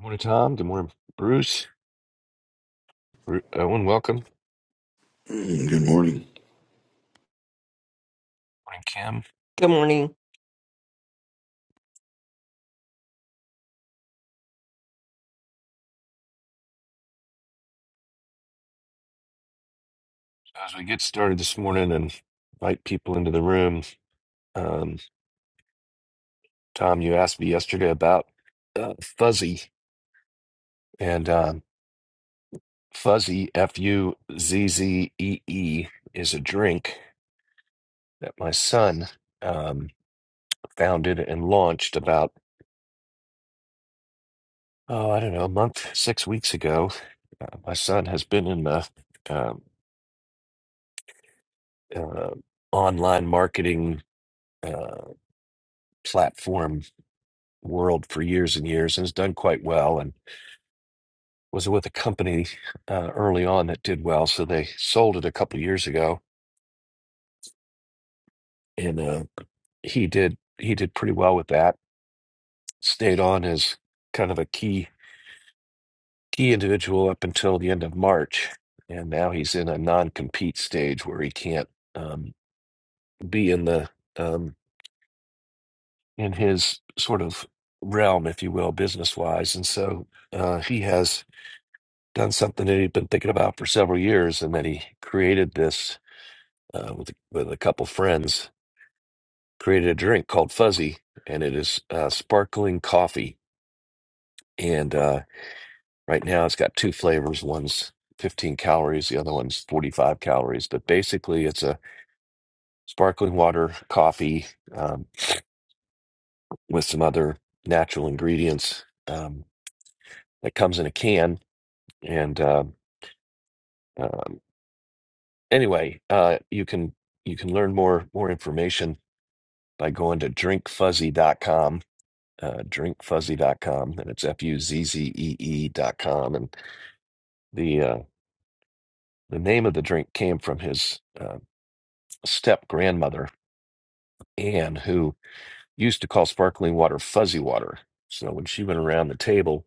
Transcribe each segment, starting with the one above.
Morning, Tom. Good morning, Bruce. Bru- Owen, welcome. Mm, Good morning. Morning, Kim. Good morning. So As we get started this morning and invite people into the room, um, Tom, you asked me yesterday about uh, fuzzy, and um, fuzzy, F U Z Z E E, is a drink that my son um, founded and launched about, oh, I don't know, a month, six weeks ago. Uh, my son has been in the uh, uh, online marketing uh, platform world for years and years and has done quite well and was with a company uh, early on that did well so they sold it a couple years ago and uh, he did he did pretty well with that stayed on as kind of a key key individual up until the end of march and now he's in a non-compete stage where he can't um, be in the um, in his sort of realm if you will business wise and so uh, he has done something that he'd been thinking about for several years, and that he created this uh, with with a couple friends. Created a drink called Fuzzy, and it is uh, sparkling coffee. And uh, right now, it's got two flavors. One's 15 calories, the other one's 45 calories. But basically, it's a sparkling water coffee um, with some other natural ingredients um, that comes in a can. And uh, um, anyway, uh, you can you can learn more more information by going to drinkfuzzy.com, uh, drinkfuzzy.com, and it's F U Z Z E E.com. And the, uh, the name of the drink came from his uh, step grandmother, Anne, who used to call sparkling water fuzzy water. So when she went around the table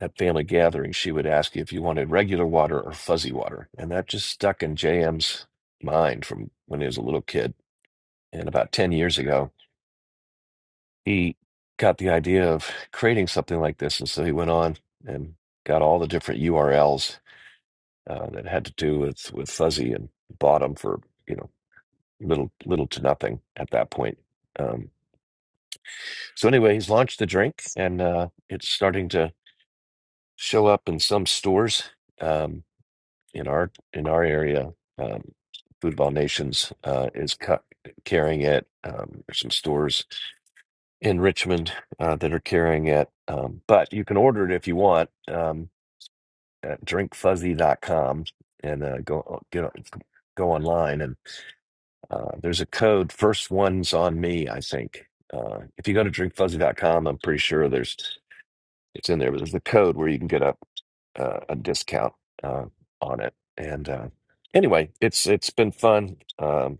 at family gatherings, she would ask you if you wanted regular water or fuzzy water. And that just stuck in JM's mind from when he was a little kid. And about 10 years ago, he got the idea of creating something like this, and so he went on and got all the different URLs uh, that had to do with with fuzzy and bought them for you know little little to nothing at that point. Um, so anyway, he's launched the drink, and uh, it's starting to show up in some stores um, in our in our area. Um, Food of All Nations uh, is cu- carrying it. Um, there's some stores in Richmond uh, that are carrying it. Um, but you can order it if you want um, at drink fuzzy dot com and uh, go uh, get go online and uh, there's a code first ones on me I think uh, if you go to drink fuzzy dot com I'm pretty sure there's it's in there but there's a code where you can get a uh, a discount uh, on it and uh, anyway it's it's been fun um,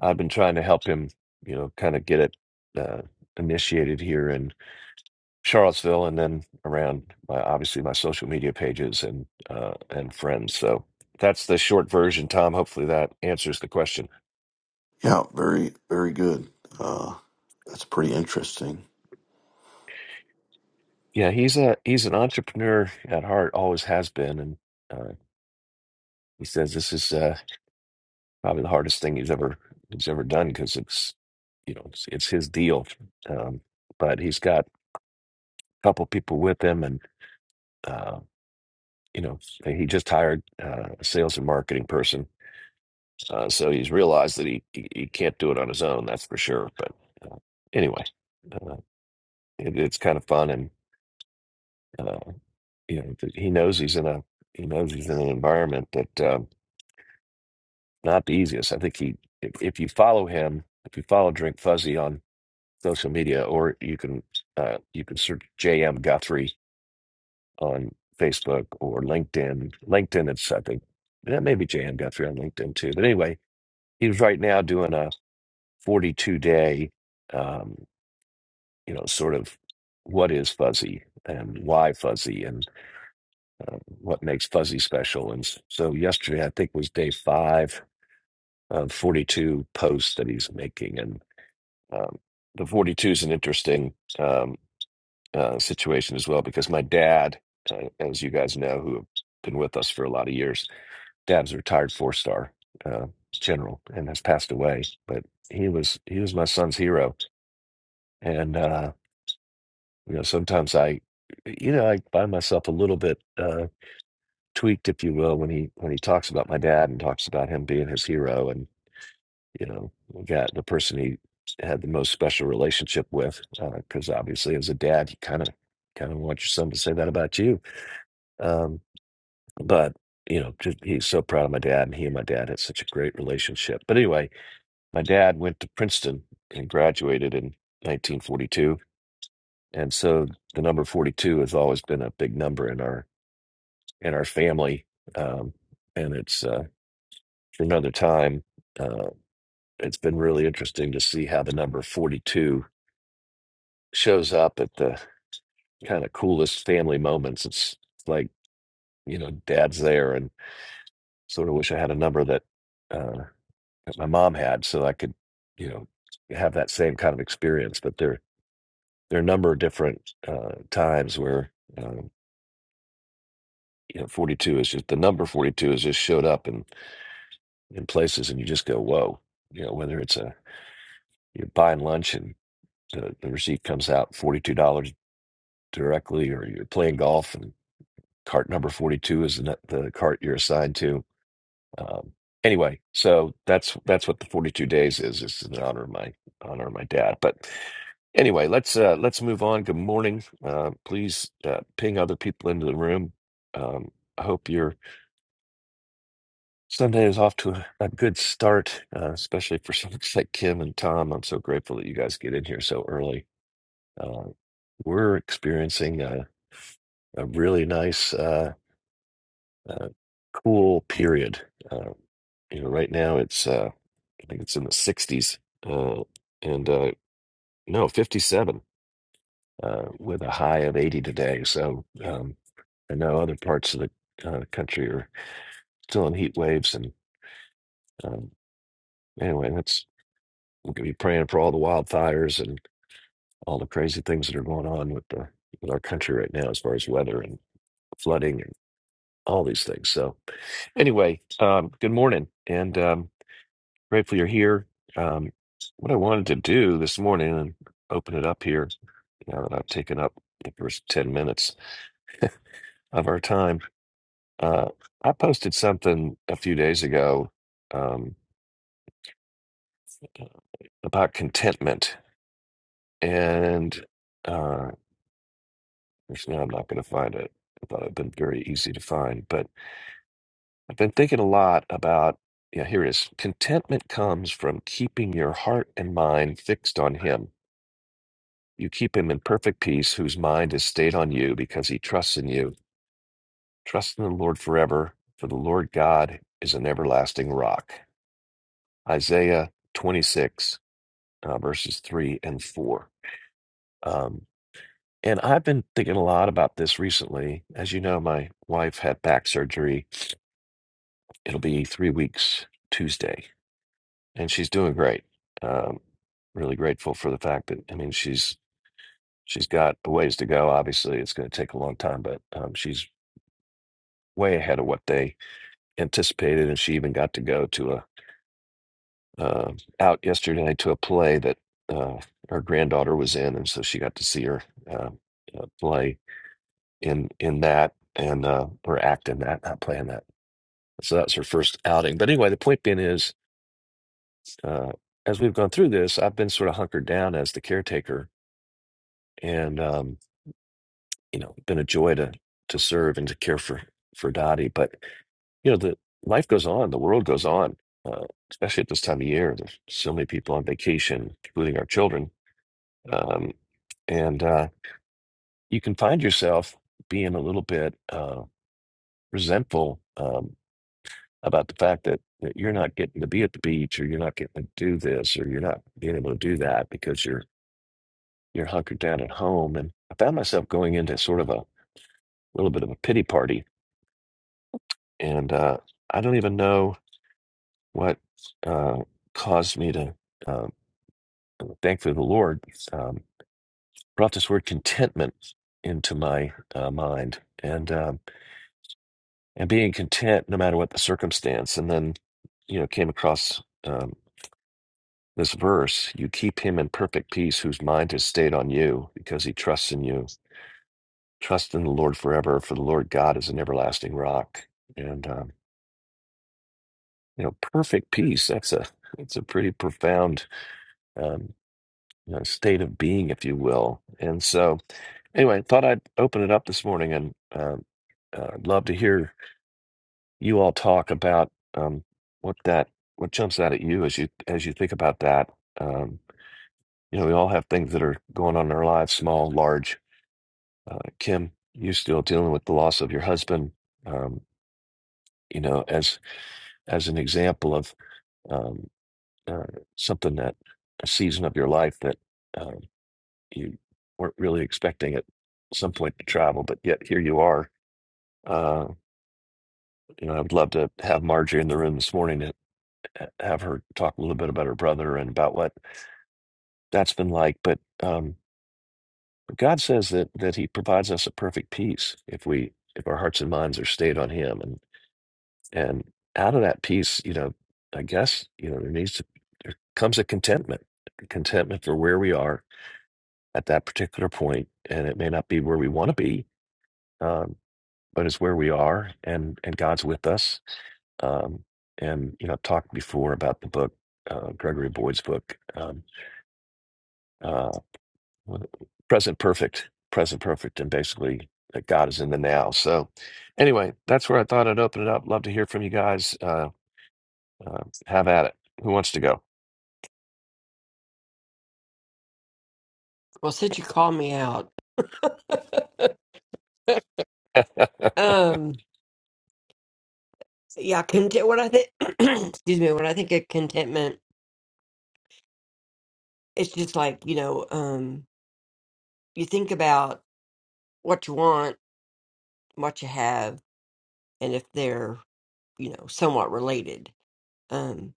I've been trying to help him you know kind of get it uh, initiated here Charlottesville, and then around my, obviously my social media pages and uh, and friends. So that's the short version, Tom. Hopefully that answers the question. Yeah, very, very good. Uh, that's pretty interesting. Yeah, he's a he's an entrepreneur at heart, always has been, and uh, he says this is uh, probably the hardest thing he's ever he's ever done because it's you know it's, it's his deal, um, but he's got a couple people with him, and uh, you know he just hired uh, a sales and marketing person Uh, so he's realized that he, he he can't do it on his own, that's for sure. But uh, anyway, uh, it, it's kind of fun, and uh, you know th- he knows he's in a he knows he's in an environment that um, not the easiest. I think he if, if you follow him, if you follow Drink Fuzzy on social media, or you can uh, you can search JM Guthrie on Facebook or LinkedIn. LinkedIn, it's I think that maybe JM Guthrie on LinkedIn too. But anyway, he's right now doing a 42 day. um, you know, sort of what is fuzzy and why fuzzy and uh, what makes fuzzy special. And s- so yesterday, I think was day five of 42 posts that he's making. And um, the 42 is an interesting um, uh, situation as well because my dad, uh, as you guys know, who have been with us for a lot of years, dad's a retired four star uh, general and has passed away, but he was he was my son's hero. And uh, You know, sometimes I, you know, I find myself a little bit uh, tweaked, if you will, when he when he talks about my dad and talks about him being his hero and you know, the guy, the person he had the most special relationship with, because obviously as a dad, you kind of kind of want your son to say that about you. Um, but you know, just, he's so proud of my dad, and he and my dad had such a great relationship. But anyway, my dad went to Princeton and graduated in 1942, and so the number 42 has always been a big number in our and our family. Um, and it's uh, for another time. Uh, it's been really interesting to see how the number 42 shows up at the kind of coolest family moments. It's like, you know, dad's there and sort of wish I had a number that, uh, that my mom had so I could, you know, have that same kind of experience. But there, there are a number of different uh, times where, uh, you know, 42 is just the number 42 has just showed up in, in places and you just go, whoa, you know, whether it's a You're buying lunch and the, the receipt comes out $42 directly, or you're playing golf and cart number 42 is the, net- the cart you're assigned to. Um, anyway, so that's that's what the 42 days is. It's in honor of my honor of my dad. But anyway, let's uh, let's move on. Good morning. Uh, please uh, ping other people into the room. Um, I hope your Sunday is off to a, a good start, uh, especially for someone like Kim and Tom. I'm so grateful that you guys get in here so early Uh, we're experiencing a, a really nice, uh, uh, cool period. Uh, you know, right now it's uh, I think it's in the 60s, uh, and uh, no, 57 uh, with a high of 80 today. So um, I know other parts of the uh, country are still in heat waves, and um, anyway, that's we could be praying for all the wildfires and all the crazy things that are going on with the with our country right now as far as weather and flooding and all these things. So. Anyway, um, good morning, and um, grateful you're here. Um, what I wanted to do this morning and open it up here now that I've taken up the first ten minutes of our time. Uh, I posted something a few days ago um, about contentment, and uh, actually, now I'm not going to find it. I thought it'd been very easy to find, but I've been thinking a lot about. Yeah, here it is. Contentment comes from keeping your heart and mind fixed on Him You keep him in perfect peace, whose mind is stayed on you because he trusts in you. Trust in the Lord forever, for the Lord God is an everlasting rock. Isaiah 26, uh, verses 3 and 4. Um, and I've been thinking a lot about this recently. As you know, my wife had back surgery. It'll be three weeks Tuesday, and she's doing great. Um, really grateful for the fact that, I mean, she's she's got a ways to go. Obviously, it's going to take a long time, but um, she's way ahead of what they anticipated. And she even got to go to a uh, out yesterday to a play that uh, her granddaughter was in, and so she got to see her uh, uh, play in in that and uh, or act in that, not play in that. So that was her first outing. But anyway, the point being is, uh, as we've gone through this, I've been sort of hunkered down as the caretaker, and um, you know, been a joy to to serve and to care for for Dottie. But you know the life goes on the world goes on uh, especially at this time of year there's so many people on vacation including our children um, and uh, you can find yourself being a little bit uh, resentful um, about the fact that, that you're not getting to be at the beach or you're not getting to do this or you're not being able to do that because you're you're hunkered down at home and i found myself going into sort of a little bit of a pity party and uh, i don't even know what uh, caused me to uh, thankfully the Lord um, brought this word contentment into my uh, mind and um, and being content no matter what the circumstance. And then you know came across um, this verse: "You keep him in perfect peace, whose mind is stayed on you, because he trusts in you. Trust in the Lord forever, for the Lord God is an everlasting rock." And um, you know, perfect peace. That's a that's a pretty profound um, you know, state of being, if you will. And so Anyway, thought I'd open it up this morning and uh, uh, I'd love to hear you all talk about um, what that what jumps out at you as you as you think about that. Um, you know, we all have things that are going on in our lives, small, large. Uh, Kim, you're still dealing with the loss of your husband. Um, you know, as as an example of um, uh, something that a season of your life that um, you weren't really expecting at some point to travel, but yet here you are. Uh, You know, I would love to have Marjorie in the room this morning and uh, have her talk a little bit about her brother and about what that's been like. But um, God says that that He provides us a perfect peace if we if our hearts and minds are stayed on Him, and and out of that peace, you know, I guess you know there needs to there comes a contentment, contentment for where we are at that particular point, and it may not be where we want to be, um, but it's where we are, and and God's with us, um, and you know I've talked before about the book uh, Gregory Boyd's book um, uh, what- Present Perfect Present Perfect and basically that God is in the now so anyway that's where I thought I'd open it up love to hear from you guys uh, uh, have at it who wants to go Well, since you called me out, and um, yeah, content. What I think, excuse me, when I think of contentment, it's just like you know, um, you think about what you want, what you have, and if they're you know somewhat related. Um,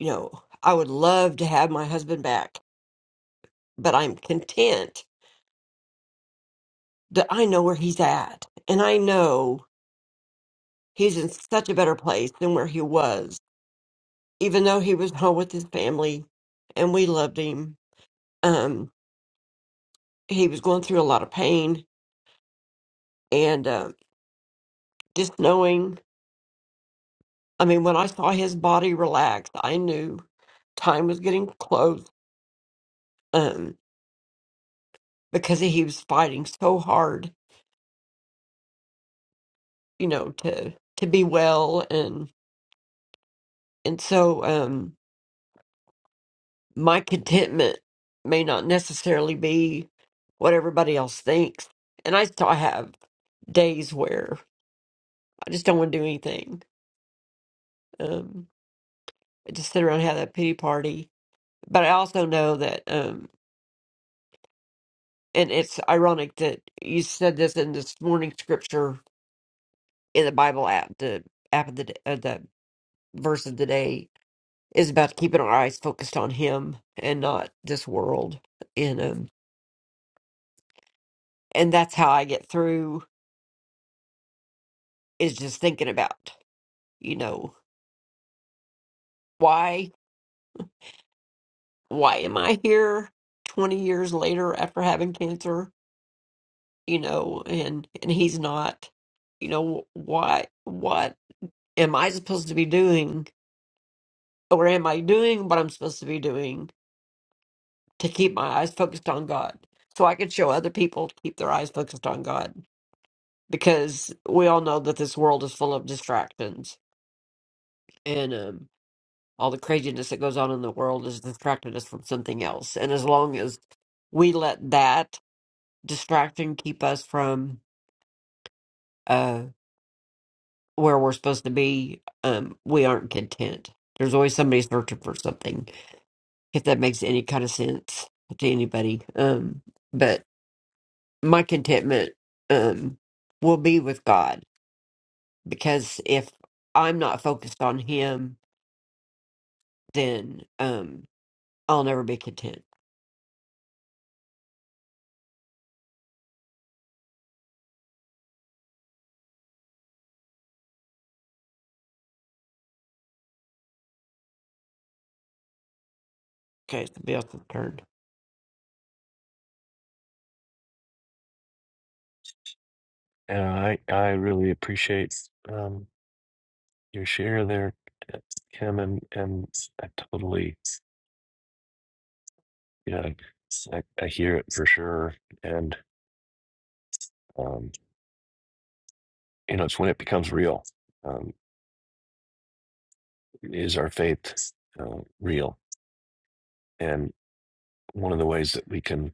you know, I would love to have my husband back, but I'm content that I know where he's at, and I know he's in such a better place than where he was, even though he was home with his family, and we loved him. Um he was going through a lot of pain and uh, just knowing i mean when i saw his body relax i knew time was getting close um, because he was fighting so hard you know to to be well and and so um my contentment may not necessarily be what everybody else thinks and i still have days where i just don't want to do anything um I just sit around and have that pity party but i also know that um And it's ironic that you said this in this morning scripture in the Bible app. The app of the uh, the verse of the day is about keeping our eyes focused on Him and not this world. And um, and that's how I get through is just thinking about you know why why am I here twenty years later after having cancer? You know, and and He's not. You know why what am I supposed to be doing? or am I doing what I'm supposed to be doing to keep my eyes focused on God so I can show other people to keep their eyes focused on God? Because we all know that this world is full of distractions and um, all the craziness that goes on in the world is distracting us from something else. And as long as we let that distraction keep us from uh, where we're supposed to be, um, we aren't content. There's always somebody searching for something, if that makes any kind of sense to anybody. Um, but my contentment um will be with God because if I'm not focused on him then um I'll never be content. Okay, somebody else's turn. I I really appreciate um, your share there Kim and and I totally you know I, I hear it for sure and um, you know it's when it becomes real is our faith uh, real? And one of the ways that we can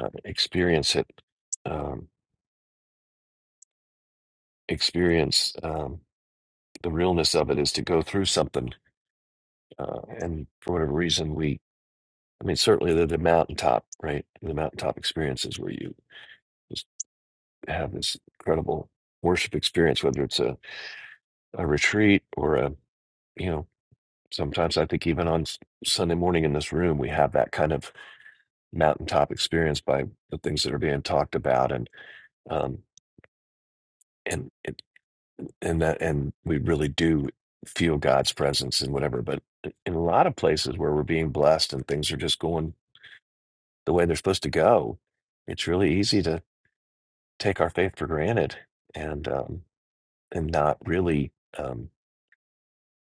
uh, experience it, um, experience um, the realness of it, is to go through something. Uh, and for whatever reason, we, I mean, certainly the, the mountaintop, right? The mountaintop experiences where you just have this incredible worship experience, whether it's a, a retreat or a, you know, sometimes I think even on S- Sunday morning in this room, we have that kind of mountaintop experience by the things that are being talked about. And um, and it- and that and we really do feel God's presence and whatever. But in a lot of places where we're being blessed and things are just going the way they're supposed to go, it's really easy to take our faith for granted and um, and not really um,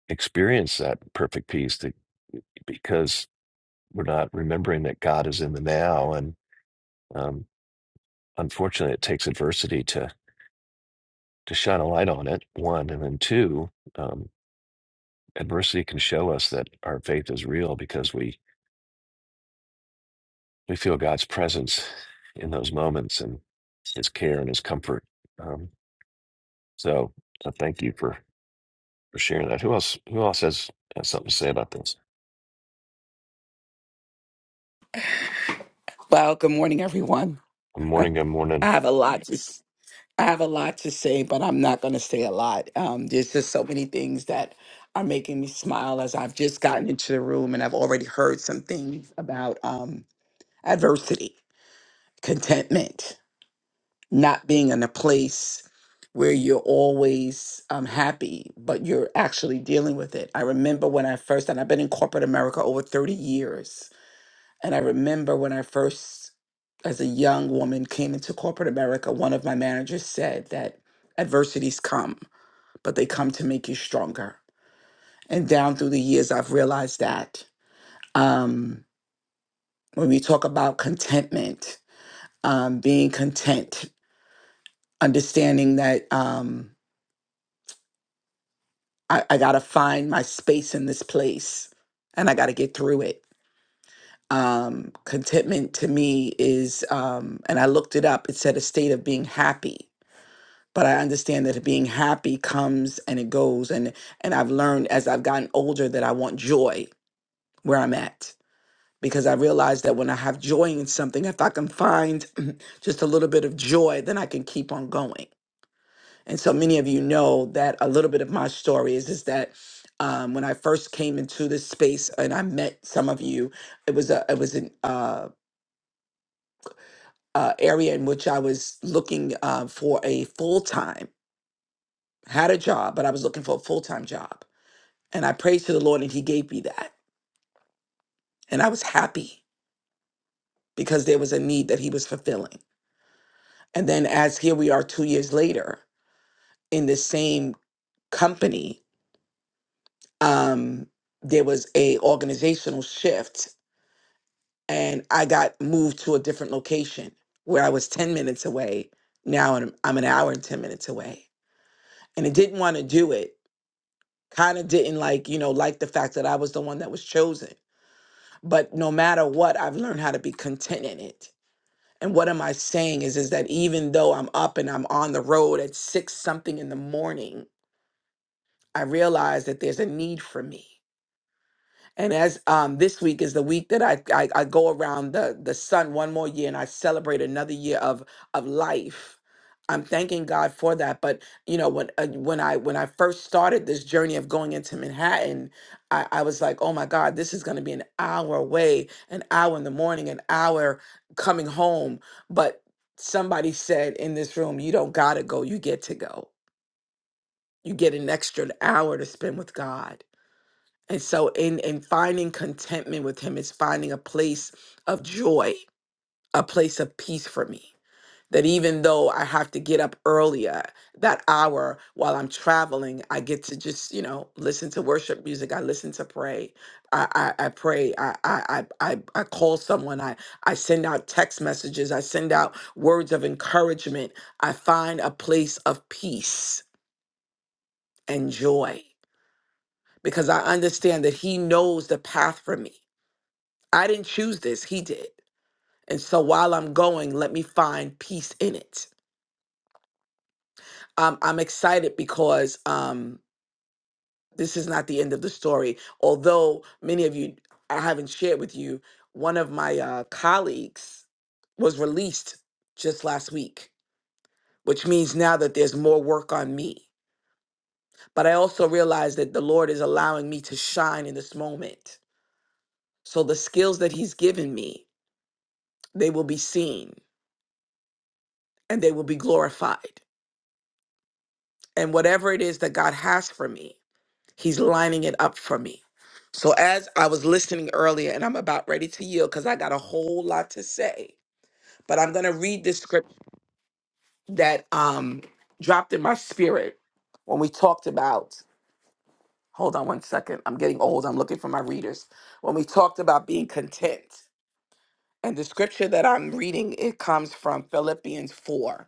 experience that perfect peace that, because we're not remembering that God is in the now. And um, unfortunately, it takes adversity to to shine a light on it. One and then two. um, adversity can show us that our faith is real because we we feel God's presence in those moments and His care and His comfort. Um, so, so thank you for for sharing that. Who else? Who else has, has something to say about this? Well, good morning, everyone. Good morning. Good I morning. have a lot to s- I have a lot to say, but I'm not going to say a lot. Um, there's just so many things that are making me smile as I've just gotten into the room and I've already heard some things about um, adversity, contentment, not being in a place where you're always um, happy, but you're actually dealing with it. I remember when I first, and I've been in corporate America over 30 years And I remember when I first, as a young woman, came into corporate America, one of my managers said that adversities come, but they come to make you stronger. And down through the years, I've realized that um, when we talk about contentment, um, being content, understanding that um, I, I got to find my space in this place and I got to get through it. Um, contentment to me is, um, and I looked it up, it said a state of being happy but I understand that being happy comes and it goes and and I've learned as I've gotten older that I want joy where I'm at because I realize that when I have joy in something if I can find just a little bit of joy then I can keep on going. And so many of you know that a little bit of my story is is that um, when I first came into this space and I met some of you, it was a it was an uh, uh, area in which I was looking uh, for a full time had a job, but I was looking for a full time job. And I prayed to the Lord and he gave me that. And I was happy because there was a need that he was fulfilling. And then as here we are 2 years later in the same company, um there was a organizational shift and I got moved to a different location where I was 10 minutes away. Now I'm I'm an hour and 10 minutes away. And I didn't want to do it. Kind of didn't like, you know, like the fact that I was the one that was chosen. But no matter what, I've learned how to be content in it And what am I saying is is that even though I'm up and I'm on the road at six something in the morning, I realize that there's a need for me. And as um, this week is the week that I, I I go around the the sun one more year and I celebrate another year of of life. I'm thanking God for that. But you know when uh, when I when I first started this journey of going into Manhattan, I, I was like, oh my God, this is going to be an hour away, an hour in the morning, an hour coming home. But somebody said in this room, you don't gotta go, you get to go. You get an extra hour to spend with God and so in in finding contentment with him is finding a place of joy, a place of peace for me. That even though I have to get up earlier, that hour while I'm traveling, I get to just, you know, listen to worship music. I listen to pray. I I, I pray. I, I I I I call someone. I I send out text messages. I send out words of encouragement. I find a place of peace and joy because I understand that he knows the path for me I didn't choose this, he did. And so while I'm going, let me find peace in it. Um, I'm excited because um, this is not the end of the story. Although many of you, I haven't shared with you, one of my uh, colleagues was released just last week, which means now that there's more work on me. But I also realize that the Lord is allowing me to shine in this moment. So the skills that He's given me, they will be seen and they will be glorified and whatever it is that God has for me, He's lining it up for me. So, as I was listening earlier, and I'm about ready to yield because I got a whole lot to say, but I'm going to read this script that um, dropped in my spirit when we talked about. Hold on one second. I'm getting old. I'm looking for my readers. When we talked about being content, and the scripture that I'm reading, it comes from Philippians 4,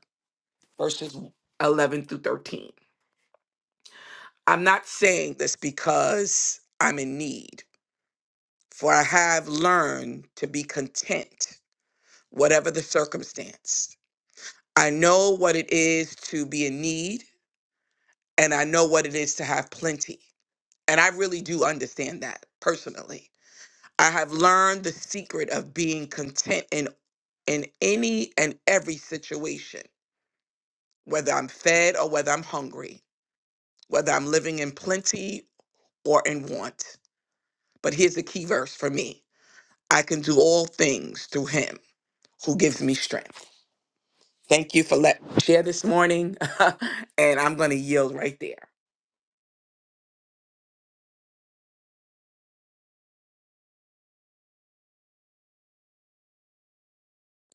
verses 11 through 13. I'm not saying this because I'm in need For I have learned to be content, whatever the circumstance. I know what it is to be in need, and I know what it is to have plenty. And I really do understand that personally. I have learned the secret of being content in, in any and every situation, whether I'm fed or whether I'm hungry, whether I'm living in plenty or in want. But here's the key verse for me I can do all things through him who gives me strength. Thank you for let share this morning, and I'm going to yield right there.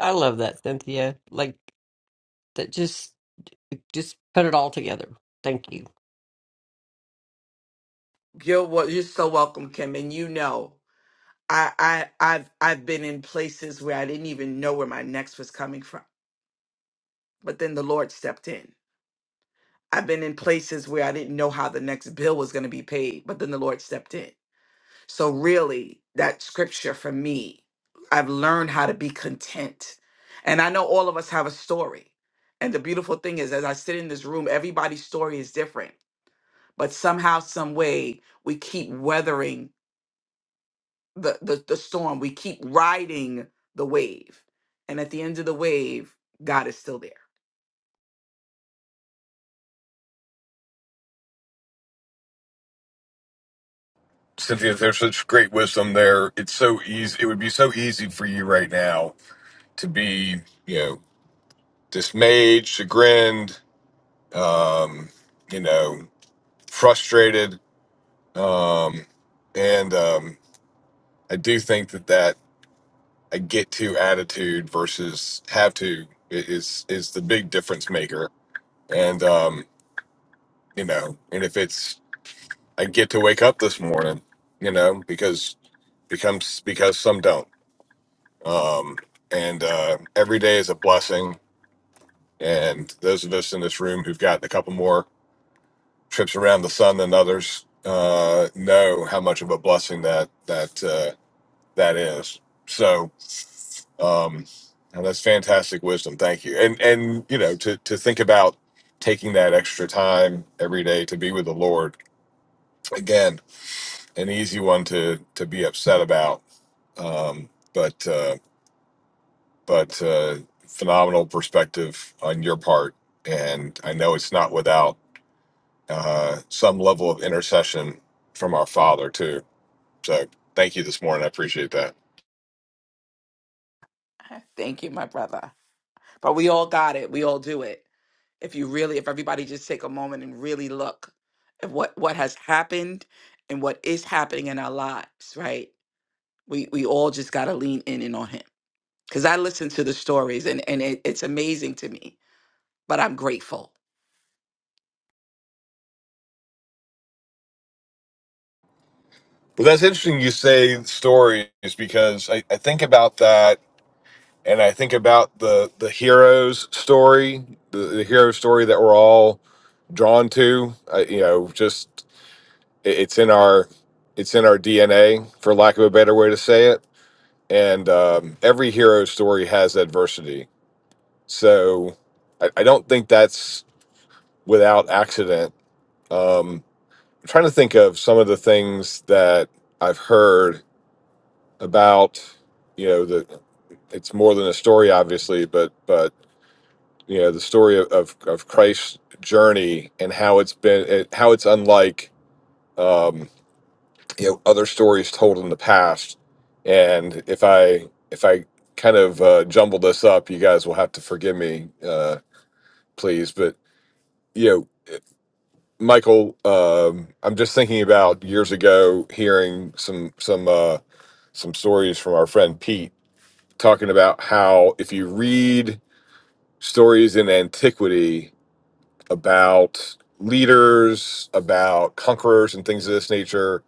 I love that, Cynthia. Like that just just put it all together. Thank you. You're well, you're so welcome, Kim, and you know I I I've I've been in places where I didn't even know where my next was coming from, but then the Lord stepped in. I've been in places where I didn't know how the next bill was going to be paid, but then the Lord stepped in. So really, that scripture for me, I've learned how to be content, and I know all of us have a story. And the beautiful thing is, as I sit in this room, everybody's story is different but somehow some way we keep weathering the, the the storm we keep riding the wave and at the end of the wave god is still there Cynthia, there's such great wisdom there. It's so easy. It would be so easy for you right now to be, you know, dismayed, chagrined, um, you know, frustrated. Um, and um, I do think that that a get to attitude versus have to i- is is the big difference maker. And um, you know, and if it's I get to wake up this morning, you know, because becomes because some don't Um, and uh, every day is a blessing. And those of us in this room who've gotten a couple more trips around the sun than others uh, know how much of a blessing that that uh, that is. So um, and that's fantastic wisdom. Thank you. And and you know to to think about taking that extra time every day to be with the Lord again, an easy one to to be upset about. Um, but Uh, but uh, phenomenal perspective on your part. And I know it's not without uh, some level of intercession from our Father, too. So thank you this morning. I appreciate that. thank you my brother but we all got it we all do it if you really if everybody just take a moment and really look at what what has happened and what is happening in our lives right we we all just got to lean in and on him because i listen to the stories and and it, it's amazing to me but i'm grateful Well, that's interesting you say stories because I, I think about that and I think about the, the hero's story, the, the hero story that we're all drawn to. I, you know, just it, it's in our it's in our DNA, for lack of a better way to say it and um, every hero story has adversity. So I, I don't think that's without accident. Um, I'm trying to think of some of the things that I've heard about. You know, the it's more than a story, obviously, but but you know the story of of, of Christ's journey and how it's been it, how it's unlike. um, you know other stories told in the past and if i if i kind of uh, jumble this up you guys will have to forgive me uh, please but you know michael um, i'm just thinking about years ago hearing some some uh, some stories from our friend pete talking about how if you read stories in antiquity about leaders about conquerors and things of this nature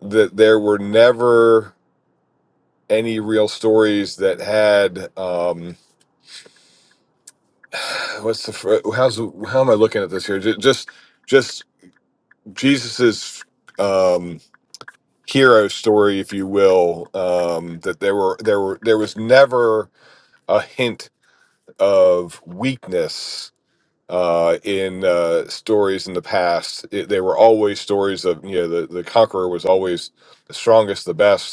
that there were never any real stories that had um what's the fir- how's how am i looking at this here Ju- just just jesus's um hero story if you will um that there were there were there was never a hint of weakness uh in uh stories in the past it, they were always stories of you know the the conqueror was always the strongest the best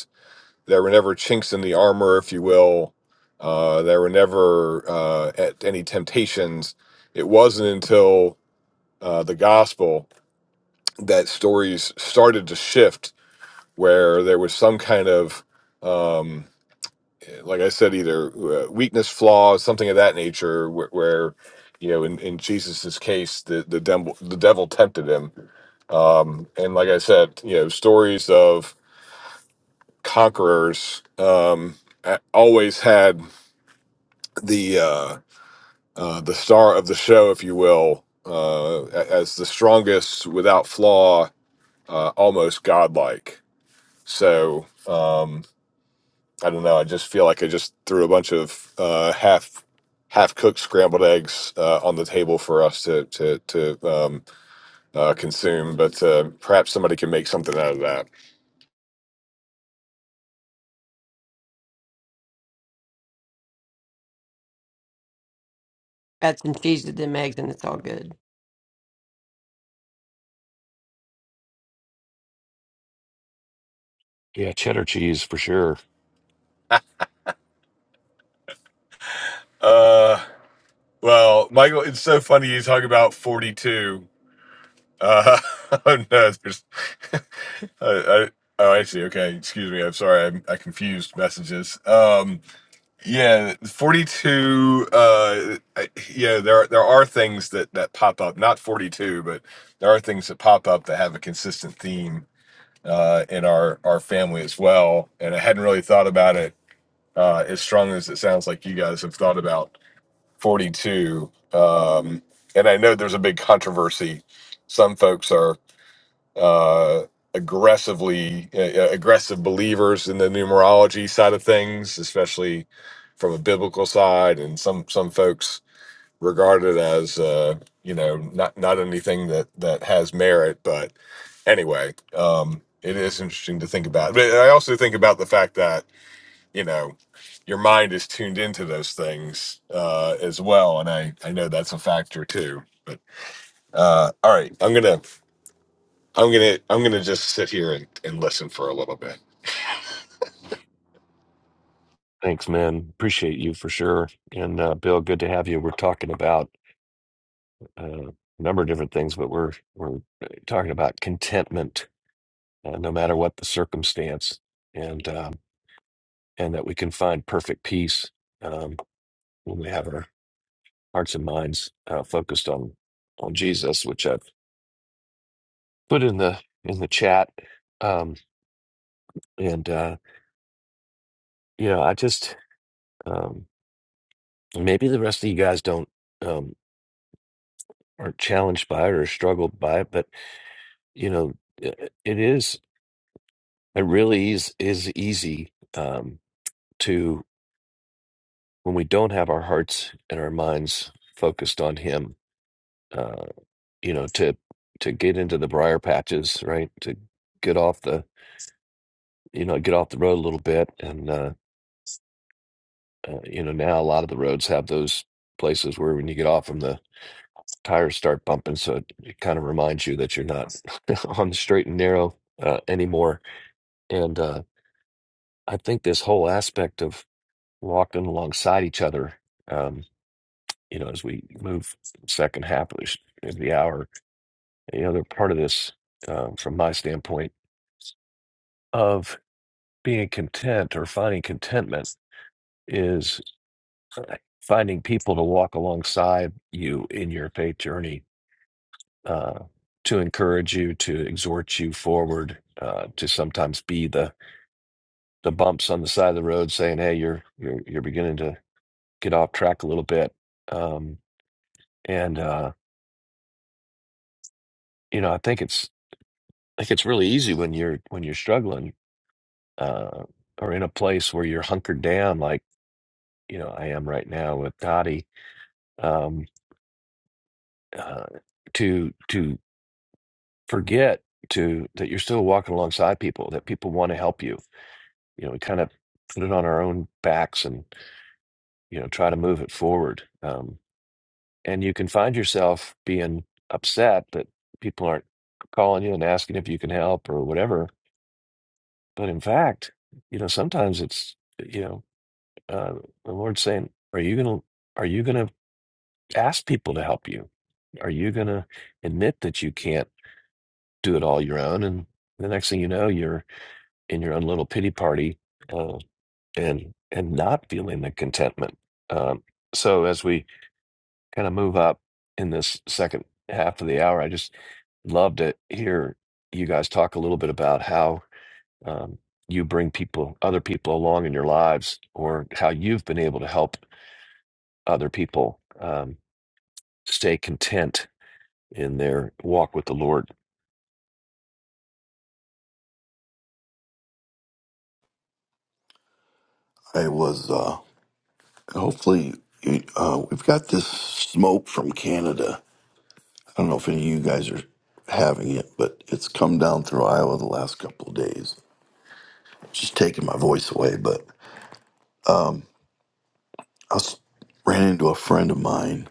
There were never chinks in the armor, if you will. Uh, there were never uh, at any temptations. It wasn't until uh, the gospel that stories started to shift, where there was some kind of, um, like I said, either uh, weakness, flaw, something of that nature, where, where you know, in, in Jesus's case, the the devil the devil tempted him, um, and like I said, you know, stories of conquerors um, a- always had the uh, uh, the star of the show, if you will, uh, a- as the strongest, without flaw, uh, almost godlike. So um, I don't know. I just feel like I just threw a bunch of uh, half half cooked scrambled eggs uh, on the table for us to to to um, uh, consume. But uh, perhaps somebody can make something out of that. Add some cheese to them eggs and it's all good. Yeah, cheddar cheese for sure. Uh, well, Michael, it's so funny you talk about forty two. Uh, oh no, there's. I, I, oh, I see. Okay, excuse me. I'm sorry. I'm, I confused messages. Um, yeah, 42. Uh, I- yeah, there are- there are things that that pop up. Not 42, but there are things that pop up that have a consistent theme uh, in our our family as well. And I hadn't really thought about it uh, as strong as it sounds like you guys have thought about 42. Um, and I know there's a big controversy. Some folks are uh, aggressively uh, uh, aggressive believers in the numerology side of things, especially from a biblical side, and some some folks regard it as uh, you know not not anything that that has merit. But anyway, um, it is interesting to think about. But I also think about the fact that you know your mind is tuned into those things uh, as well, and I I know that's a factor too. But uh, all right, I'm gonna I'm gonna I'm gonna just sit here and, and listen for a little bit. Thanks, man. Appreciate you for sure. And uh, Bill, good to have you. We're talking about uh, a number of different things, but we're we're talking about contentment, uh, no matter what the circumstance. And um, and that we can find perfect peace um, when we have our hearts and minds uh, focused on on Jesus, which I've put in the in the chat. Um, and uh, you know, I just um, maybe the rest of you guys don't um, aren't challenged by it or struggled by it, but you know, it, it is it really is is easy um, to when we don't have our hearts and our minds focused on Him. uh, you know to to get into the briar patches right to get off the you know get off the road a little bit and uh, uh you know now a lot of the roads have those places where when you get off them the tires start bumping so it, it kind of reminds you that you're not on the straight and narrow uh, anymore and uh i think this whole aspect of walking alongside each other um you know as we move second half of this- of the hour you know they're part of this uh, from my standpoint of being content or finding contentment is uh, finding people to walk alongside you in your faith journey uh, to encourage you to exhort you forward uh, to sometimes be the the bumps on the side of the road saying hey you're you're you're beginning to get off track a little bit um, and uh, you know I think it's I think it's really easy when you're when you're struggling uh, or in a place where you're hunkered down like you know I am right now with Dottie Um, uh, to to forget to that you're still walking alongside people that people want to help you you know we kind of put it on our own backs and you know try to move it forward um, and you can find yourself being upset that people aren't calling you and asking if you can help or whatever but in fact you know sometimes it's you know uh, the lord's saying are you gonna are you gonna ask people to help you are you gonna admit that you can't do it all your own and the next thing you know you're in your own little pity party uh, and and not feeling the contentment um, so as we kind of move up in this second half of the hour i just love to hear you guys talk a little bit about how um, you bring people other people along in your lives or how you've been able to help other people um, stay content in their walk with the lord I was, uh, hopefully, you- uh, we've got this smoke from Canada. I don't know if any of you guys are having it, but it's come down through Iowa the last couple of days. It's Just taking my voice away, but I was, ran into a friend of mine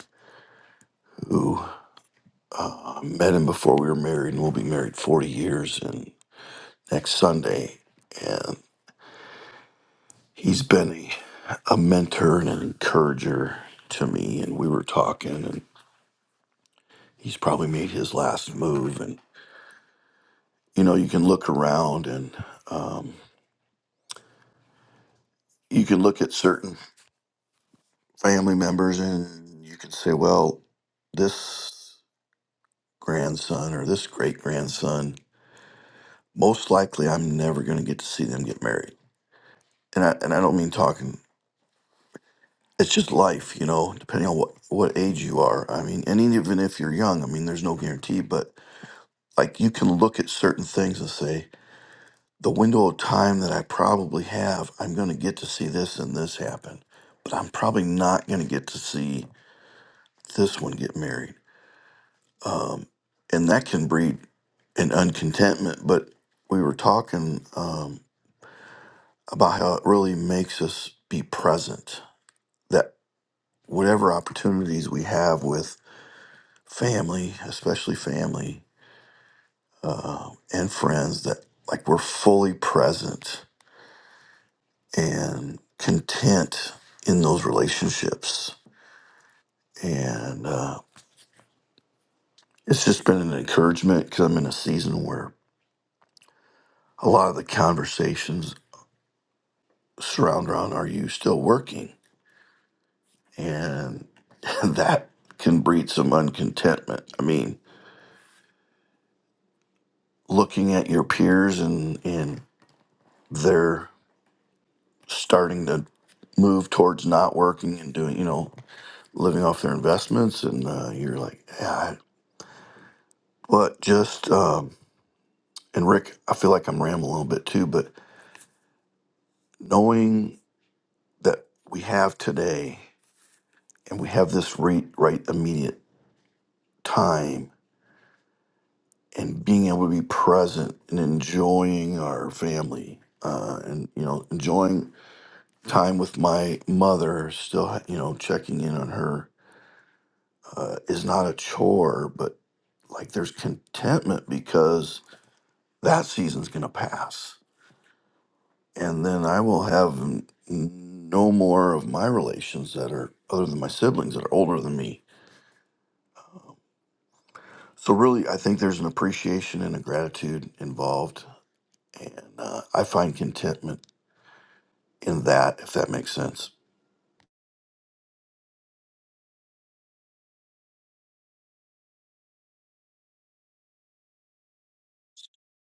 who I met him before we were married, and we'll be married 40 years and next Sunday. He's been a, a mentor and an encourager to me, and we were talking, and he's probably made his last move. And you know, you can look around, and um, you can look at certain family members, and you can say, well, this grandson or this great grandson, most likely, I'm never going to get to see them get married. And I and I don't mean talking. It's just life, you know. Depending on what what age you are, I mean, and even if you're young, I mean, there's no guarantee, but like you can look at certain things and say the window of time that i probably have i'm going to get to see this and this happen but i'm probably not going to get to see this one get married um, and that can breed an uncontentment but we were talking um, about how it really makes us be present that whatever opportunities we have with family especially family uh, and friends that like we're fully present and content in those relationships. And uh, it's just been an encouragement because I'm in a season where a lot of the conversations surround around are you still working? And that can breed some uncontentment. I mean, looking at your peers and, and they're starting to move towards not working and doing, you know, living off their investments. And uh, you're like, yeah, I, what just. Um, And Rick, I feel like I'm rambling a little bit too, but knowing that we have today and we have this right, right immediate time and being able to be present and enjoying our family uh, and, you know, enjoying time with my mother, still, you know, checking in on her uh, is not a chore, but like there's contentment because that season's going to pass and then I will have n- no more of my relations that are other than my siblings that are older than me. So really, I think there's an appreciation and a gratitude involved, and uh, I find contentment in that, if that makes sense.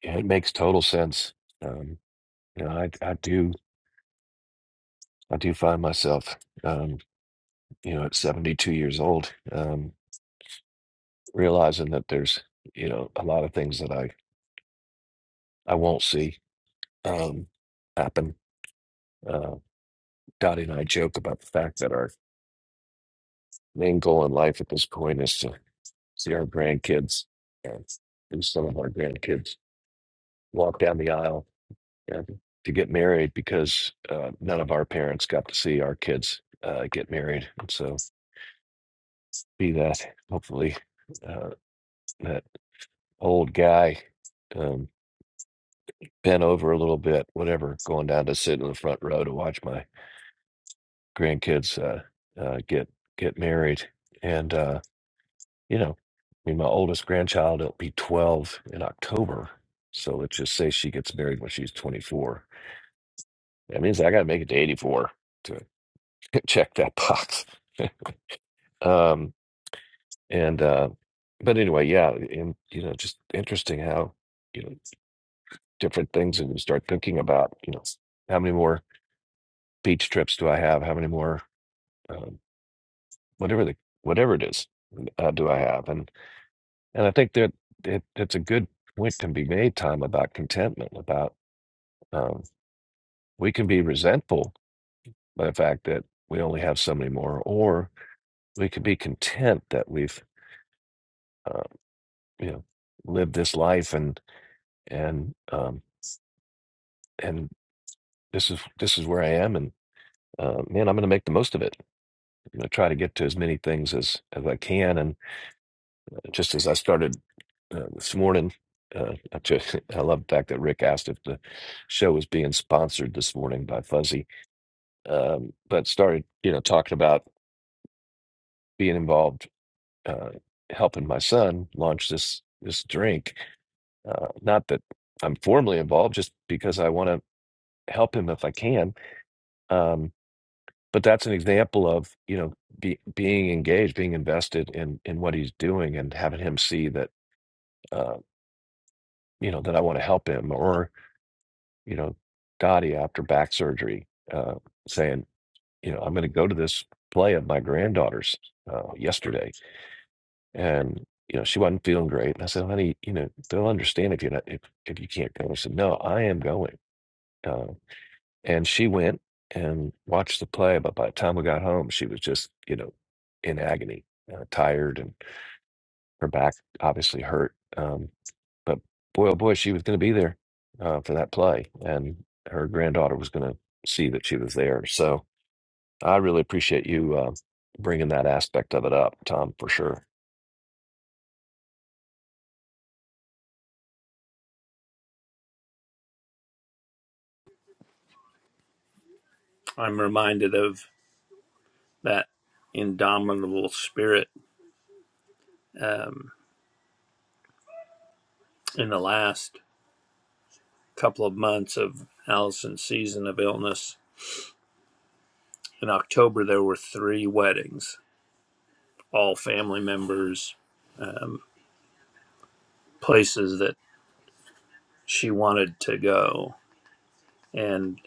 Yeah, it makes total sense um, you know, I, I do I do find myself, um, you know, at 72 years old, um, realizing that there's, you know, a lot of things that I, I won't see um, happen. Uh, Dottie and I joke about the fact that our main goal in life at this point is to see our grandkids and do some of our grandkids walk down the aisle and to get married because uh, none of our parents got to see our kids uh, get married. And so be that hopefully uh, that old guy um, bent over a little bit, whatever, going down to sit in the front row to watch my grandkids uh, uh, get get married. And uh, you know, I mean, my oldest grandchild will be twelve in October, so let's just say she gets married when she's twenty four. That means I got to make it to eighty four to check that box. um, and uh, but anyway, yeah, and you know, just interesting how you know different things, and you start thinking about you know how many more beach trips do I have? How many more, um, whatever the whatever it is, uh, do I have? And and I think that it, it's a good point can be made, Tom, about contentment. About um, we can be resentful by the fact that we only have so many more, or we could be content that we've uh, you know lived this life and and um, and this is this is where I am and. Uh, man, I'm going to make the most of it. You know, try to get to as many things as as I can, and just as I started uh, this morning. Uh, I, just, I love the fact that Rick asked if the show was being sponsored this morning by Fuzzy, um, but started you know talking about being involved, uh, helping my son launch this this drink. Uh, not that I'm formally involved, just because I want to help him if I can. Um, but that's an example of you know be, being engaged, being invested in in what he's doing, and having him see that uh, you know that I want to help him, or you know, Gotti after back surgery, uh, saying, you know, I'm going to go to this play of my granddaughter's uh, yesterday, and you know, she wasn't feeling great. And I said, honey, you know, they'll understand if you're not if if you can't go. She said, no, I am going, uh, and she went and watched the play. But by the time we got home, she was just, you know, in agony, uh, tired, and her back obviously hurt. Um, But boy, oh boy, she was going to be there uh, for that play, and her granddaughter was going to see that she was there. So I really appreciate you uh, bringing that aspect of it up, Tom, for sure. I'm reminded of that indomitable spirit um, in the last couple of months of Allison's season of illness. In October, there were three weddings, all family members, um, places that she wanted to go. And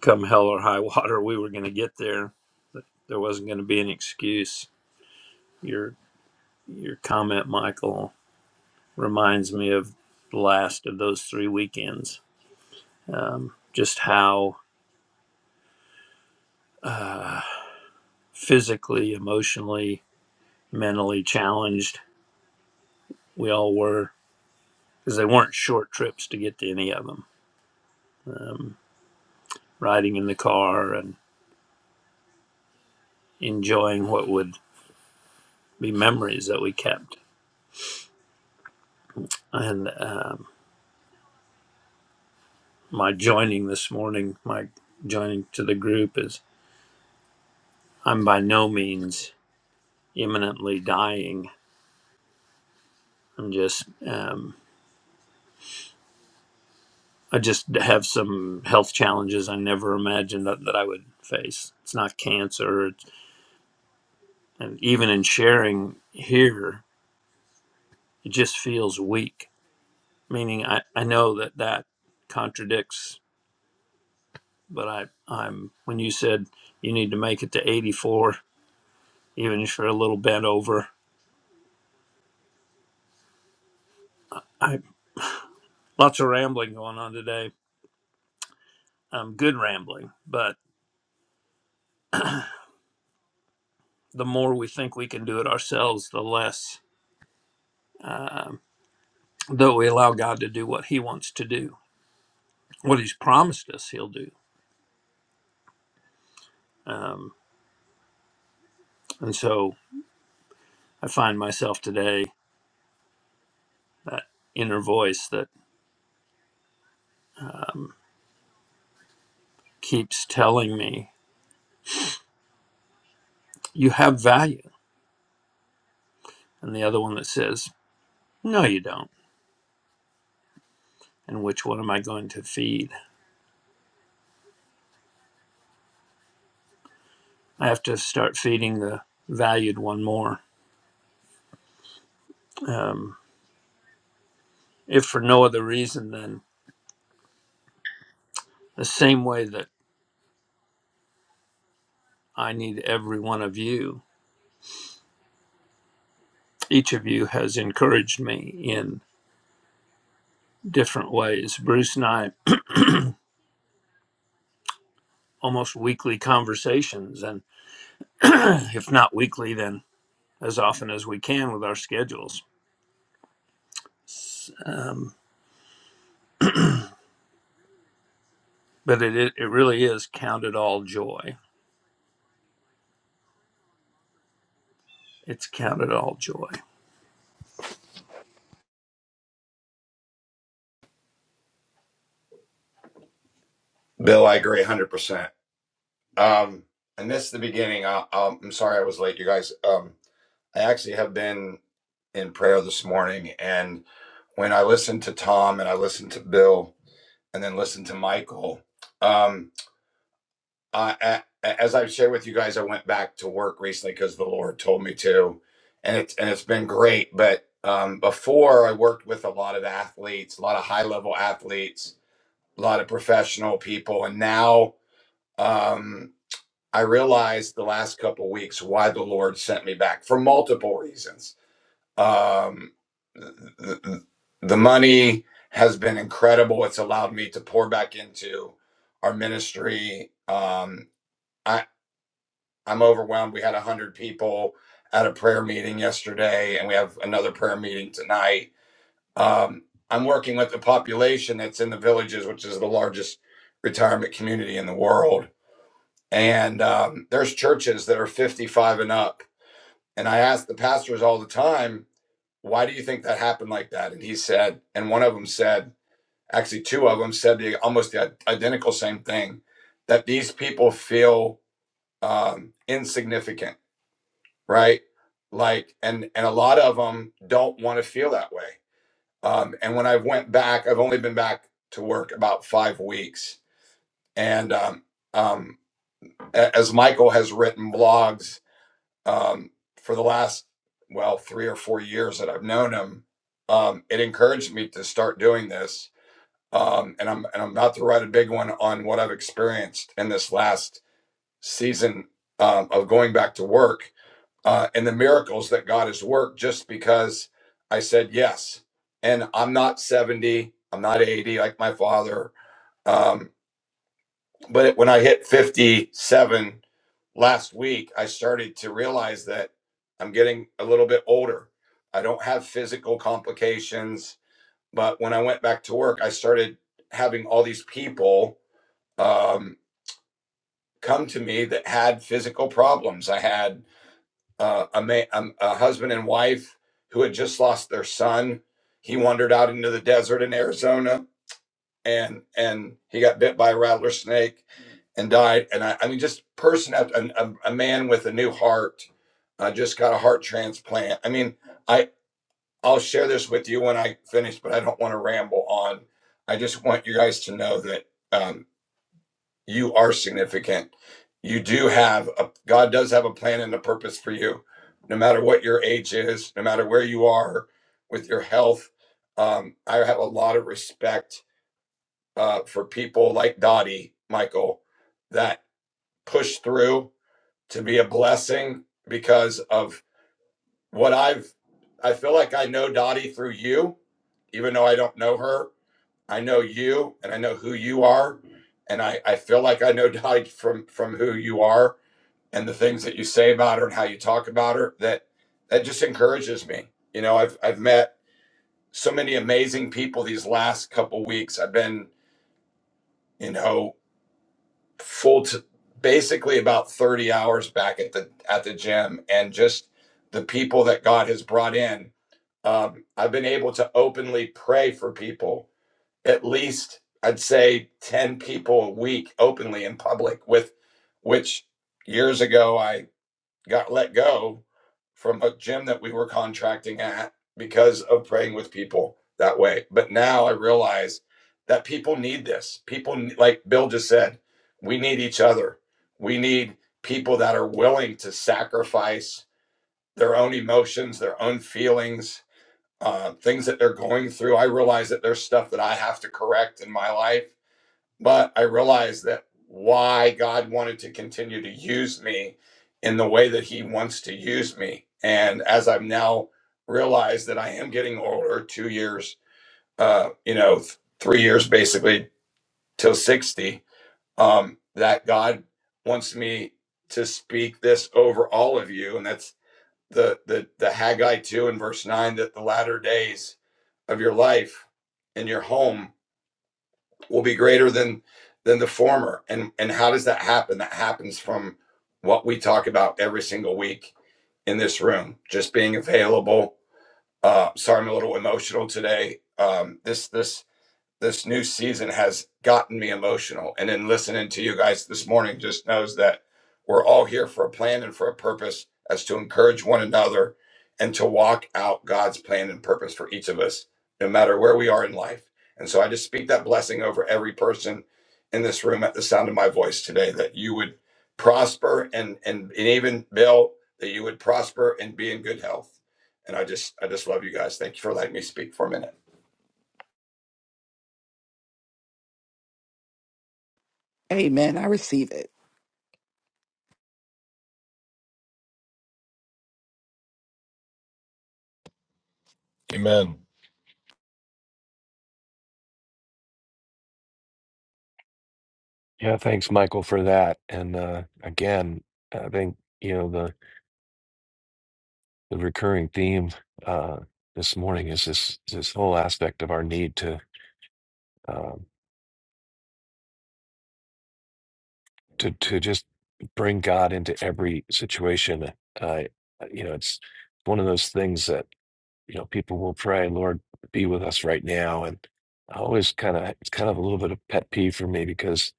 come hell or high water, we were going to get there. There wasn't going to be an excuse. Your your comment, Michael, reminds me of the last of those three weekends. Um, just how physically, emotionally, mentally challenged. We all were because they weren't short trips to get to any of them. Um, riding in the car and enjoying what would be memories that we kept. And um, my joining this morning, my joining to the group is I'm by no means imminently dying. I'm just, um, I just have some health challenges I never imagined that, that I would face. It's not cancer. and even in sharing here it just feels weak meaning i, I know that that contradicts but I, i'm when you said you need to make it to 84 even if you're a little bent over i lots of rambling going on today um, good rambling but the more we think we can do it ourselves the less that we allow god to do what he wants to do what he's promised us he'll do um, and so i find myself today that inner voice that um, keeps telling me, You have value. And the other one that says, No, you don't. And which one am I going to feed? I have to start feeding the valued one more. Um, if for no other reason than the same way that I need every one of you, each of you has encouraged me in different ways. Bruce and I almost weekly conversations, and if not weekly, then as often as we can with our schedules. Um, but it, it it really is counted all joy It's counted all joy. Bill, I agree 100%. Um, I missed the beginning. I, um, I'm sorry I was late, you guys. Um, I actually have been in prayer this morning. And when I listened to Tom and I listened to Bill and then listened to Michael, um, I, a- as I've shared with you guys, I went back to work recently because the Lord told me to. And, it's and it's been great. But um, before, I worked with a lot of athletes, a lot of high level athletes, a lot of professional people. And now, um. I realized the last couple of weeks why the Lord sent me back for multiple reasons. Um, the, the money has been incredible. It's allowed me to pour back into our ministry. Um, I, I'm overwhelmed. We had 100 people at a prayer meeting yesterday, and we have another prayer meeting tonight. Um, I'm working with the population that's in the villages, which is the largest retirement community in the world and um, there's churches that are 55 and up and i ask the pastors all the time why do you think that happened like that and he said and one of them said actually two of them said the almost the identical same thing that these people feel um, insignificant right like and and a lot of them don't want to feel that way um, and when i went back i've only been back to work about five weeks and um, um, a- as michael has written blogs um, for the last well three or four years that I've known him, um, it encouraged me to start doing this. Um, and I'm and I'm about to write a big one on what I've experienced in this last season um, of going back to work uh, and the miracles that God has worked just because I said yes. And I'm not 70, I'm not 80 like my father. Um, but it, when I hit 57 last week, I started to realize that I'm getting a little bit older. I don't have physical complications, but when I went back to work, I started having all these people um, come to me that had physical problems. I had uh, a, ma- um, a husband and wife who had just lost their son. He wandered out into the desert in Arizona and and he got bit by a rattler snake and died. And I, I mean, just person after a, a, man with a new heart, uh, just got a heart transplant. I mean, I I'll share this with you when I finish, but I don't want to ramble on. I just want you guys to know that um, you are significant. You do have a God does have a plan and a purpose for you, no matter what your age is, no matter where you are with your health. Um, I have a lot of respect uh, for people like Dottie, Michael, that push through to be a blessing because of what I've. I feel like I know Dottie through you, even though I don't know her. I know you, and I know who you are, and I, I feel like I know Dottie from from who you are and the things that you say about her and how you talk about her. That that just encourages me. You know, I've I've met so many amazing people these last couple weeks. I've been you know full t basically about 30 hours back at the at the gym and just the people that god has brought in um, i've been able to openly pray for people at least i'd say 10 people a week openly in public with which years ago I got let go from a gym that we were contracting at because of praying with people that way. But now I realize that people need this. People, like Bill just said, we need each other. We need people that are willing to sacrifice their own emotions, their own feelings, uh, things that they're going through. I realize that there's stuff that I have to correct in my life but I realized that why God wanted to continue to use me in the way that He wants to use me. And as I've now realized that I am getting older, two years, uh, you know, th- three years basically till 60, um, that God wants me to speak this over all of you. And that's the, the, the Haggai 2 in verse 9 that the latter days of your life in your home will be greater than than the former and and how does that happen that happens from what we talk about every single week in this room just being available uh sorry i'm a little emotional today um this this this new season has gotten me emotional. And then listening to you guys this morning just knows that we're all here for a plan and for a purpose as to encourage one another and to walk out God's plan and purpose for each of us, no matter where we are in life. And so I just speak that blessing over every person in this room at the sound of my voice today that you would prosper and and, and even Bill, that you would prosper and be in good health. And I just I just love you guys. Thank you for letting me speak for a minute. amen i receive it Amen Yeah, thanks, Michael, for that. And uh, again, I think you know the the recurring theme uh, this morning is this this whole aspect of our need to um to to just bring God into every situation. I you know it's one of those things that you know, people will pray, Lord, be with us right now. And I always kind of, it's kind of a little bit of pet peeve for me because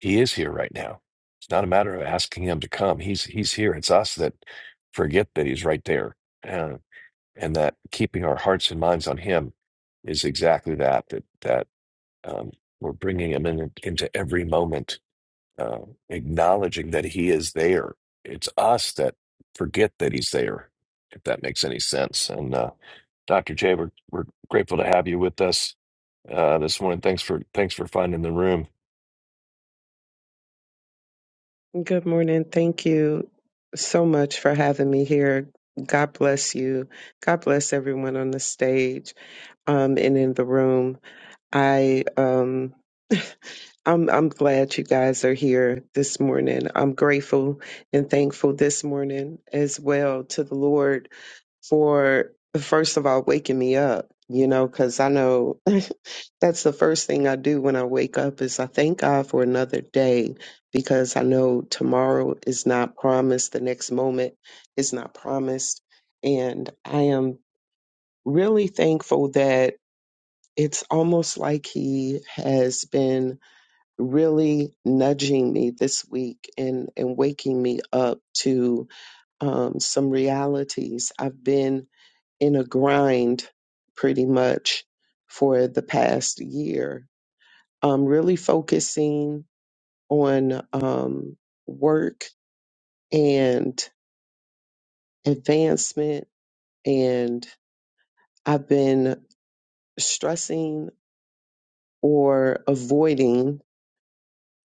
he is here right now. It's not a matter of asking him to come. He's, he's here. It's us that forget that he's right there. And, and that keeping our hearts and minds on him is exactly that, that, that um, we're bringing him in, into every moment uh, acknowledging that he is there. It's us that forget that he's there, if that makes any sense. And uh, Dr. J, we're, we're grateful to have you with us uh, this morning. Thanks for thanks for finding the room. Good morning. Thank you so much for having me here. God bless you. God bless everyone on the stage um, and in the room. I um, I'm I'm glad you guys are here this morning. I'm grateful and thankful this morning as well to the Lord for first of all waking me up you know because i know that's the first thing i do when i wake up is i thank god for another day because i know tomorrow is not promised the next moment is not promised and i am really thankful that it's almost like he has been really nudging me this week and and waking me up to um, some realities i've been in a grind pretty much for the past year. I'm really focusing on um, work and advancement, and I've been stressing or avoiding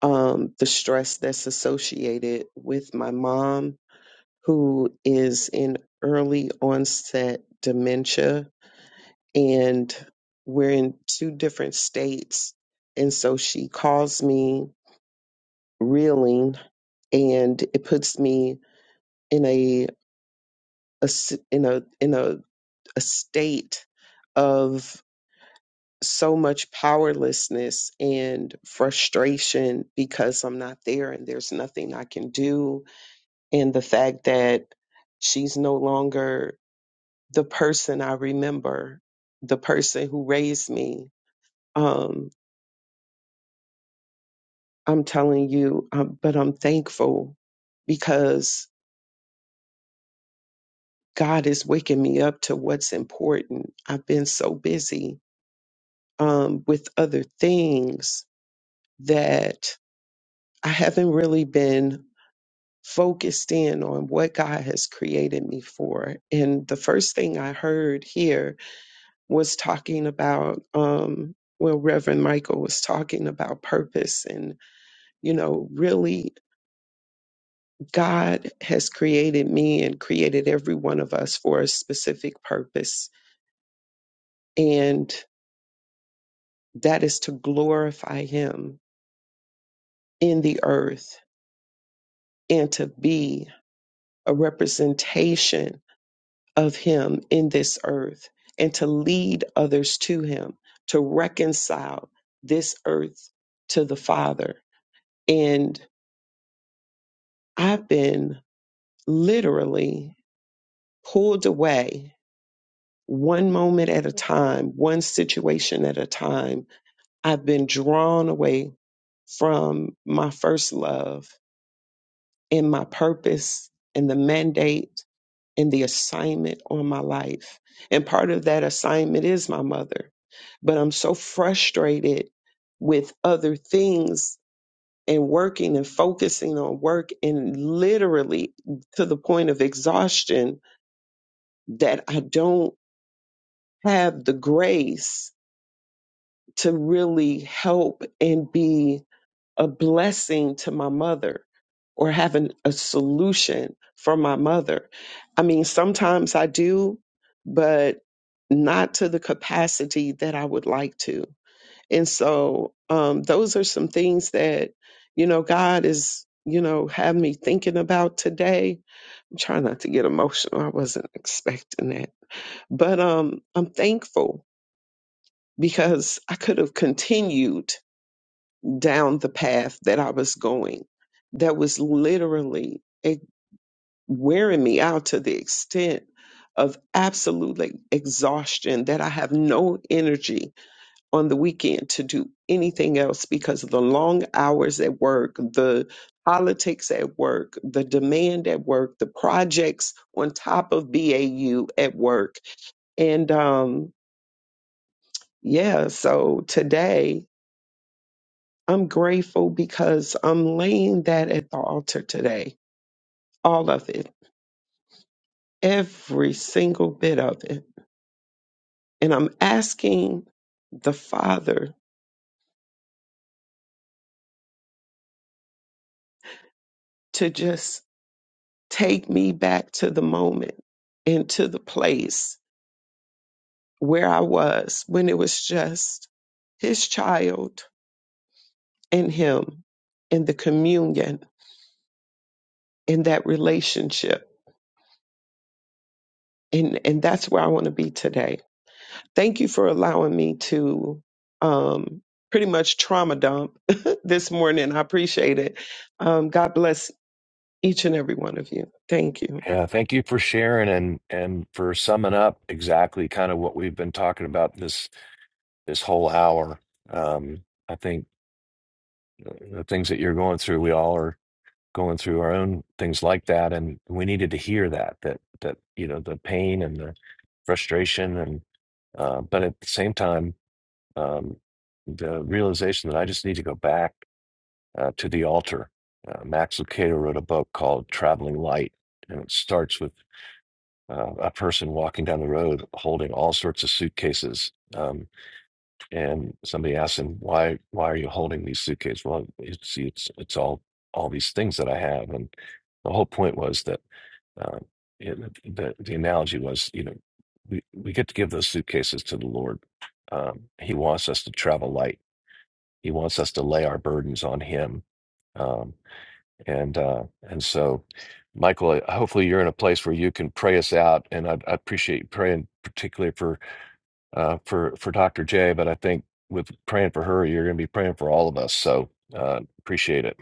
um, the stress that's associated with my mom, who is in early onset dementia and we're in two different states. And so she calls me reeling and it puts me in a, a s- in a in a, a state of so much powerlessness and frustration because I'm not there and there's nothing I can do and the fact that she's no longer the person I remember the person who raised me um, I'm telling you, um, but I'm thankful because God is waking me up to what's important. I've been so busy um, with other things that I haven't really been focused in on what God has created me for. And the first thing I heard here was talking about, um, well, Reverend Michael was talking about purpose and, you know, really. God has created me and created every one of us for a specific purpose, and that is to glorify Him in the earth and to be a representation of Him in this earth and to lead others to Him, to reconcile this earth to the Father. And I've been literally pulled away one moment at a time, one situation at a time I've been drawn away from my first love and my purpose and the mandate and the assignment on my life. And part of that assignment is my mother. But I'm so frustrated with other things and working and focusing on work and literally to the point of exhaustion that I don't have the grace to really help and be a blessing to my mother or having a solution for my mother. I mean, sometimes I do, but not to the capacity that I would like to. And so, um, those are some things that, you know, God is, you know, have me thinking about today. I'm trying not to get emotional. I wasn't expecting that. But um, I'm thankful because I could have continued down the path that I was going that was literally eh, wearing me out to the extent of absolute like, exhaustion that I have no energy on the weekend to do anything else because of the long hours at work, the politics at work, the demand at work, the projects on top of BAU at work. And um yeah, so today I'm grateful because I'm laying that at the altar today, all of it, every single bit of it. And I'm asking the Father to just take me back to the moment and to the place where I was when it was just His child and Him and the communion and that relationship. And, and that's where I want to be today. Thank you for allowing me to um, pretty much trauma dump this morning. I appreciate it. Um, God bless each and every one of you. Thank you. Yeah, thank you for sharing and and for summing up exactly kind of what we've been talking about this this whole hour. Um, I think uh, the things that you're going through, we all are going through our own things like that and we needed to hear that that that you know the pain and the frustration and uh, but at the same time um, the realization that i just need to go back uh, to the altar uh, max lucado wrote a book called traveling light and it starts with uh, a person walking down the road holding all sorts of suitcases Um, and somebody asked him why why are you holding these suitcases well it's it's it's all all these things that i have and the whole point was that uh, it, the, the analogy was you know we, we get to give those suitcases to the lord um, he wants us to travel light he wants us to lay our burdens on him um, and uh, and so michael hopefully you're in a place where you can pray us out and i, I appreciate you praying particularly for uh, for for Dr. J, but I think with praying for her, you're going to be praying for all of us. So uh, appreciate it.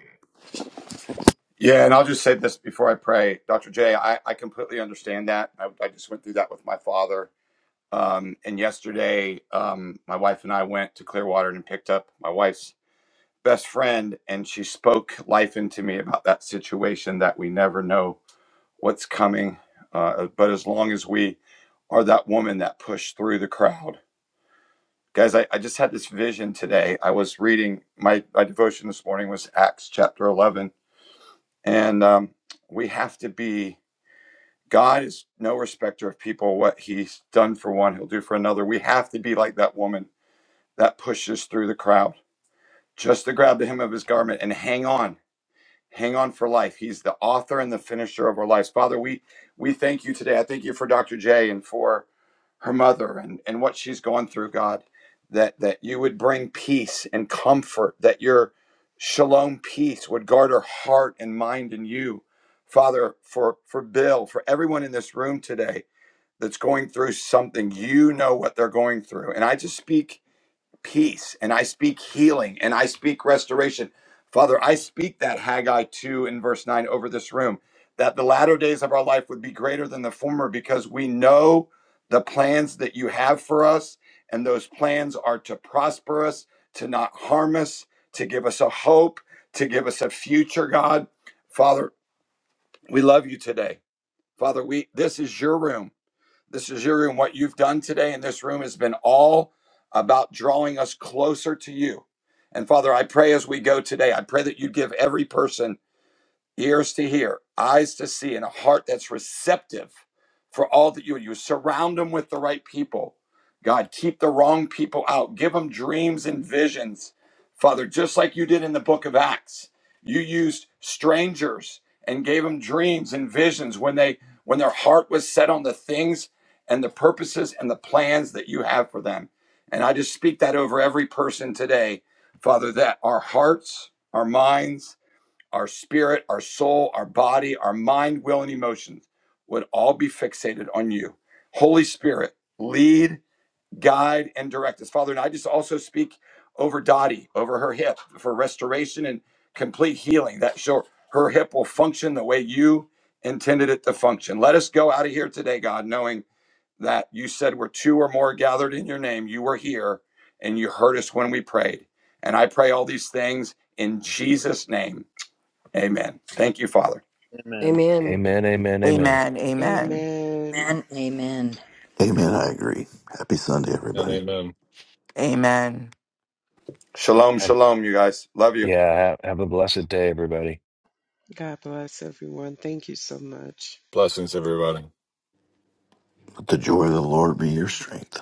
Yeah, and I'll just say this before I pray, Dr. J. I, I completely understand that. I, I just went through that with my father. Um, and yesterday, um, my wife and I went to Clearwater and picked up my wife's best friend, and she spoke life into me about that situation that we never know what's coming. Uh, but as long as we are that woman that pushed through the crowd, guys, I, I just had this vision today. I was reading my, my devotion this morning was Acts chapter 11, and um, we have to be God is no respecter of people. What he's done for one, he'll do for another. We have to be like that woman that pushes through the crowd just to grab the hem of his garment and hang on. Hang on for life. He's the author and the finisher of our lives. Father, we we thank you today. I thank you for Dr. J and for her mother and, and what she's gone through, God, that that you would bring peace and comfort, that your shalom peace would guard her heart and mind in you. Father, for for Bill, for everyone in this room today that's going through something, you know what they're going through. And I just speak peace and I speak healing and I speak restoration. Father, I speak that Haggai 2 in verse 9 over this room, that the latter days of our life would be greater than the former because we know the plans that you have for us. And those plans are to prosper us, to not harm us, to give us a hope, to give us a future, God. Father, we love you today. Father, we this is your room. This is your room. What you've done today in this room has been all about drawing us closer to you. And Father, I pray as we go today, I pray that you give every person ears to hear, eyes to see, and a heart that's receptive for all that you you surround them with the right people. God, keep the wrong people out. Give them dreams and visions, Father, just like you did in the book of Acts. You used strangers and gave them dreams and visions when they when their heart was set on the things and the purposes and the plans that you have for them. And I just speak that over every person today, Father, that our hearts, our minds, our spirit, our soul, our body, our mind, will, and emotions would all be fixated on you. Holy Spirit, lead, guide, and direct us. Father, and I just also speak over Dottie, over her hip for restoration and complete healing. That sure her hip will function the way you intended it to function. Let us go out of here today, God, knowing that you said we're two or more gathered in your name. You were here and you heard us when we prayed. And I pray all these things in Jesus' name. Amen. Thank you, Father. Amen. Amen. Amen. Amen. Amen. Amen. Amen. Amen. Amen. Amen. I agree. Happy Sunday, and everybody. amen. Amen. Shalom, Have, shalom, you guys. Love you. yeah. Have, have a blessed day, everybody. God bless everyone. Thank you so much. Blessings, everybody. Let the joy of the Lord be your strength.